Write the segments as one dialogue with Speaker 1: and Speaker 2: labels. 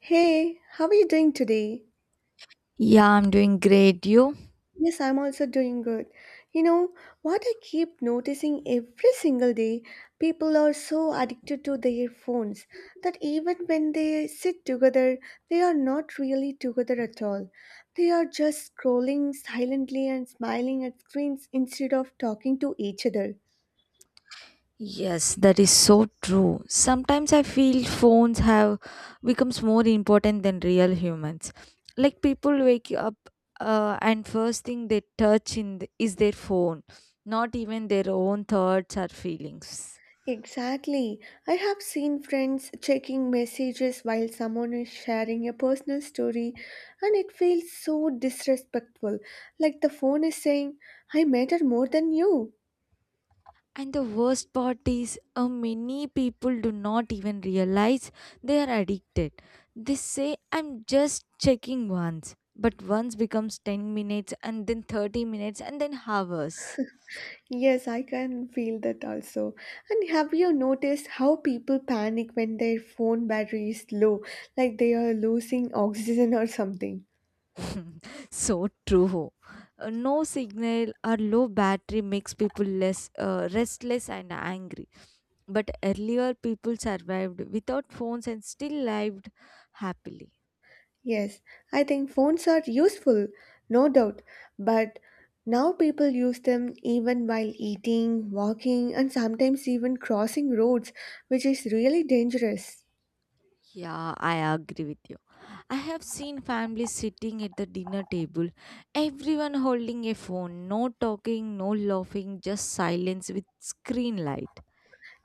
Speaker 1: Hey, how are you doing today?
Speaker 2: Yeah, I'm doing great. You?
Speaker 1: Yes, I'm also doing good. You know, what I keep noticing every single day, people are so addicted to their phones that even when they sit together, they are not really together at all. They are just scrolling silently and smiling at screens instead of talking to each other.
Speaker 2: Yes, that is so true. Sometimes I feel phones have becomes more important than real humans. Like people wake up and first thing they touch in the, is their phone, not even their own thoughts or feelings.
Speaker 1: Exactly. I have seen friends checking messages while someone is sharing a personal story, and it feels so disrespectful. Like the phone is saying, I matter more than you.
Speaker 2: And the worst part is, many people do not even realize they are addicted. They say, I'm just checking once. But once becomes 10 minutes, and then 30 minutes, and then hours.
Speaker 1: Yes, I can feel that also. And have you noticed how people panic when their phone battery is low, like they are losing oxygen or something?
Speaker 2: So true. No signal or low battery makes people less restless and angry. But earlier, people survived without phones and still lived happily.
Speaker 1: Yes, I think phones are useful, no doubt, but now people use them even while eating, walking, and sometimes even crossing roads, which is really dangerous.
Speaker 2: Yeah, I agree with you. I have seen families sitting at the dinner table, everyone holding a phone, no talking, no laughing, just silence with screen light.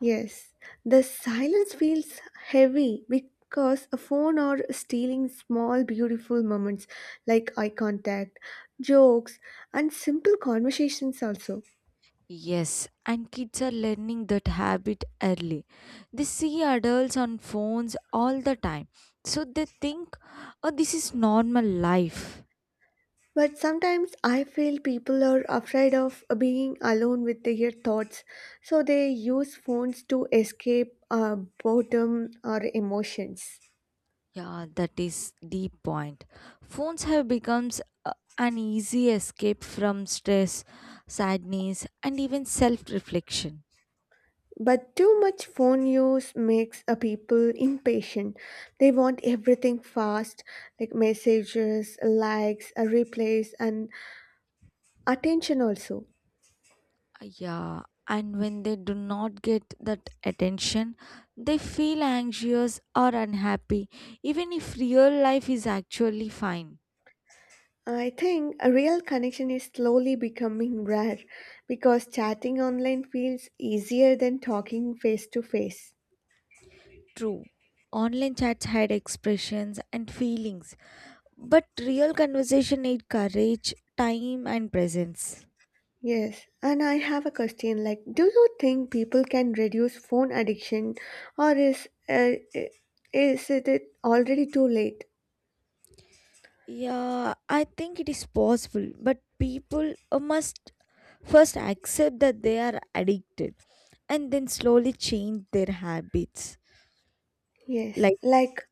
Speaker 1: Yes, the silence feels heavy because a phone are stealing small, beautiful moments like eye contact, jokes, and simple conversations also.
Speaker 2: Yes, and kids are learning that habit early. They see adults on phones all the time, so they think, oh, this is normal life.
Speaker 1: But sometimes I feel people are afraid of being alone with their thoughts, so they use phones to escape boredom or emotions.
Speaker 2: Yeah, that is the point. Phones have become an easy escape from stress, sadness, and even self reflection.
Speaker 1: But too much phone use makes a people impatient. They want everything fast, like messages, likes, replies, and attention also.
Speaker 2: Yeah, and when they do not get that attention, they feel anxious or unhappy, even if real life is actually fine.
Speaker 1: I think a real connection is slowly becoming rare because chatting online feels easier than talking face to face.
Speaker 2: True, online chats had expressions and feelings, but real conversation need courage, time, and presence.
Speaker 1: Yes, and I have a question like, do you think people can reduce phone addiction or is is it already too late?
Speaker 2: Yeah, I think it is possible, but people must first accept that they are addicted and then slowly change their habits.
Speaker 1: Yes,
Speaker 2: Like,
Speaker 1: like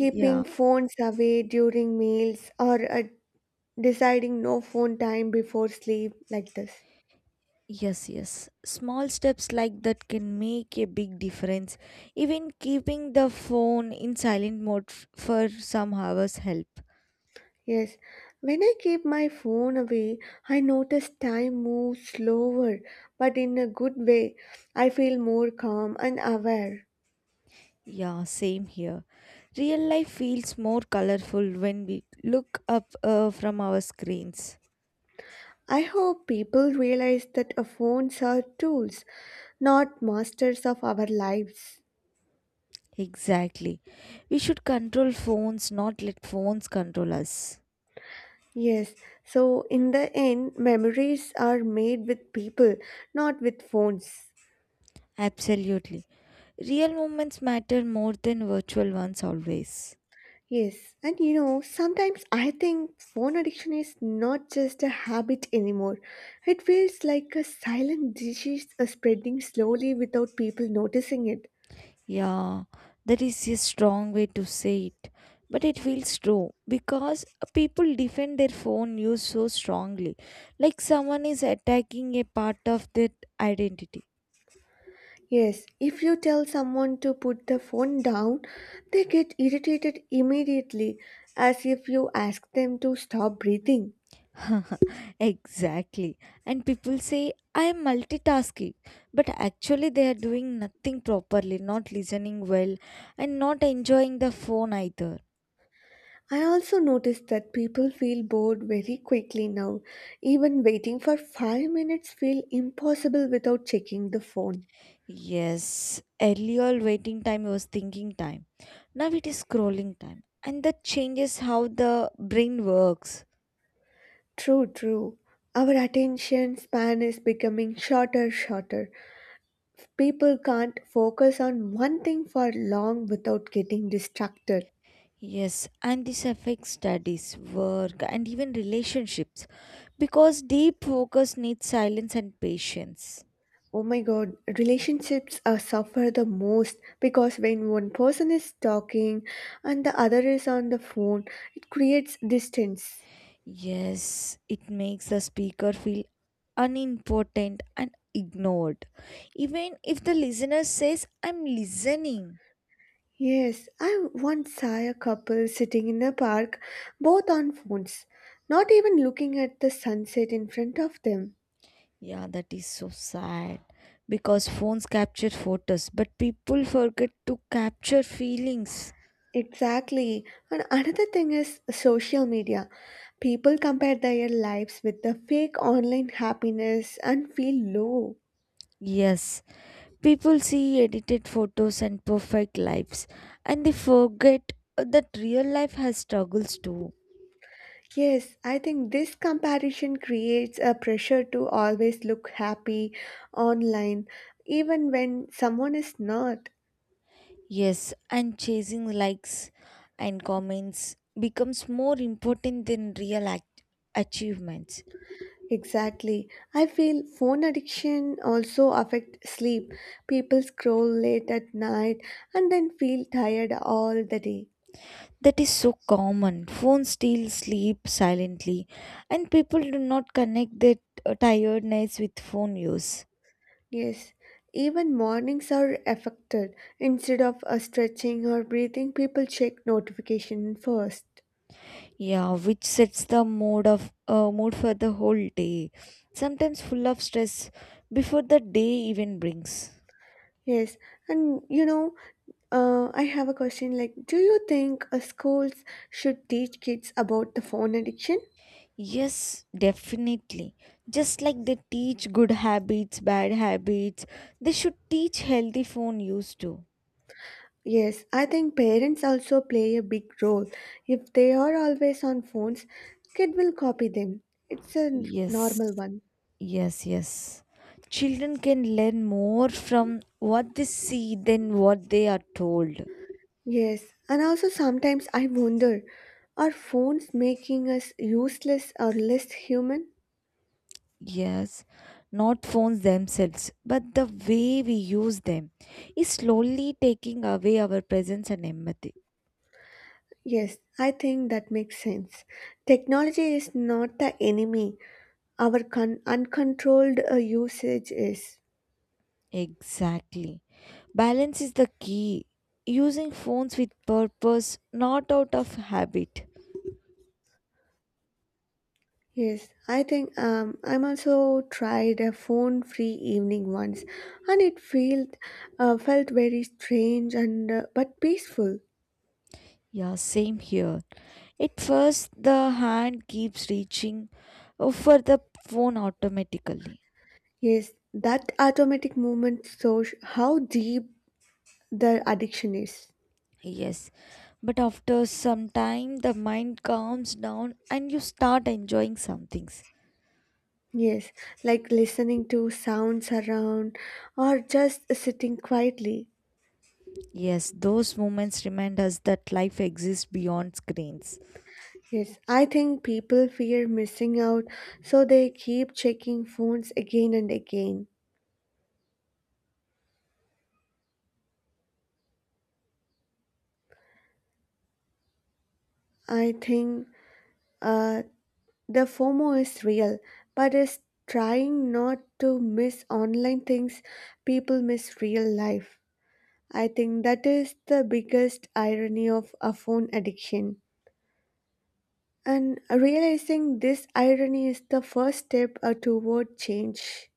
Speaker 2: yeah.
Speaker 1: phones away during meals or deciding no phone time before sleep like this.
Speaker 2: Yes, yes. Small steps like that can make a big difference. Even keeping the phone in silent mode for some hours help.
Speaker 1: Yes, when I keep my phone away, I notice time moves slower, but in a good way. I feel more calm and aware.
Speaker 2: Yeah, same here. Real life feels more colorful when we look up from our screens.
Speaker 1: I hope people realize that our phones are tools, not masters of our lives.
Speaker 2: Exactly. We should control phones, not let phones control us.
Speaker 1: Yes, so in the end, memories are made with people, not with phones.
Speaker 2: Absolutely. Real moments matter more than virtual ones always.
Speaker 1: Yes, and you know, sometimes I think phone addiction is not just a habit anymore. It feels like a silent disease spreading slowly without people noticing it.
Speaker 2: Yeah, that is a strong way to say it, but it feels true because people defend their phone use so strongly, like someone is attacking a part of their identity.
Speaker 1: Yes, if you tell someone to put the phone down, they get irritated immediately, as if you ask them to stop breathing.
Speaker 2: Exactly. And people say, I am multitasking, but actually they are doing nothing properly, not listening well, and not enjoying the phone either.
Speaker 1: I also noticed that people feel bored very quickly now. Even waiting for 5 minutes feel impossible without checking the phone.
Speaker 2: Yes, earlier waiting time was thinking time. Now it is scrolling time. And that changes how the brain works.
Speaker 1: True, true. Our attention span is becoming shorter, shorter. People can't focus on one thing for long without getting distracted.
Speaker 2: Yes, and this affects studies, work, and even relationships because deep focus needs silence and patience.
Speaker 1: Oh my god, relationships are suffer the most because when one person is talking and the other is on the phone, it creates distance.
Speaker 2: Yes, it makes the speaker feel unimportant and ignored. Even if the listener says, I'm listening.
Speaker 1: Yes, I once saw a couple sitting in a park, both on phones, not even looking at the sunset in front of them.
Speaker 2: Yeah, that is so sad because phones capture photos, but people forget to capture feelings.
Speaker 1: Exactly. And another thing is social media. People compare their lives with the fake online happiness and feel low.
Speaker 2: Yes, people see edited photos and perfect lives, and they forget that real life has struggles too.
Speaker 1: Yes, I think this comparison creates a pressure to always look happy online, even when someone is not.
Speaker 2: Yes, and chasing likes and comments becomes more important than achievements.
Speaker 1: Exactly. I feel phone addiction also affects sleep. People scroll late at night and then feel tired all the day.
Speaker 2: That is so common. Phones still sleep silently, and people do not connect their tired nights with phone use.
Speaker 1: Yes, even mornings are affected. Instead of stretching or breathing, people check notification first.
Speaker 2: Yeah, which sets the mood for the whole day. Sometimes full of stress before the day even brings.
Speaker 1: Yes, and you know, I have a question like, do you think schools should teach kids about the phone addiction?
Speaker 2: Yes, definitely. Just like they teach good habits, bad habits, they should teach healthy phone use too.
Speaker 1: Yes, I think parents also play a big role. If they are always on phones, kid will copy them. It's a
Speaker 2: Yes,
Speaker 1: normal one.
Speaker 2: yes, yes. Children can learn more from what they see than what they are told.
Speaker 1: Yes, and also sometimes I wonder, are phones making us useless or less human?
Speaker 2: Yes, not phones themselves, but the way we use them is slowly taking away our presence and empathy.
Speaker 1: Yes, I think that makes sense. Technology is not the enemy. Our uncontrolled usage is.
Speaker 2: Exactly. Balance is the key. Using phones with purpose, not out of habit.
Speaker 1: Yes, I think I'm also tried a phone-free evening once, and it felt very strange and but peaceful.
Speaker 2: Yeah, same here. At first, the hand keeps reaching for the phone automatically.
Speaker 1: Yes, that automatic movement shows how deep the addiction is.
Speaker 2: Yes, but after some time, the mind calms down and you start enjoying some things.
Speaker 1: Yes, like listening to sounds around, or just sitting quietly.
Speaker 2: Yes, those moments remind us that life exists beyond screens.
Speaker 1: Yes, I think people fear missing out, so they keep checking phones again and again. I think uh, the FOMO is real, but is trying not to miss online things people miss real life. I think that is the biggest irony of a phone addiction. And realizing this irony is the first step toward change.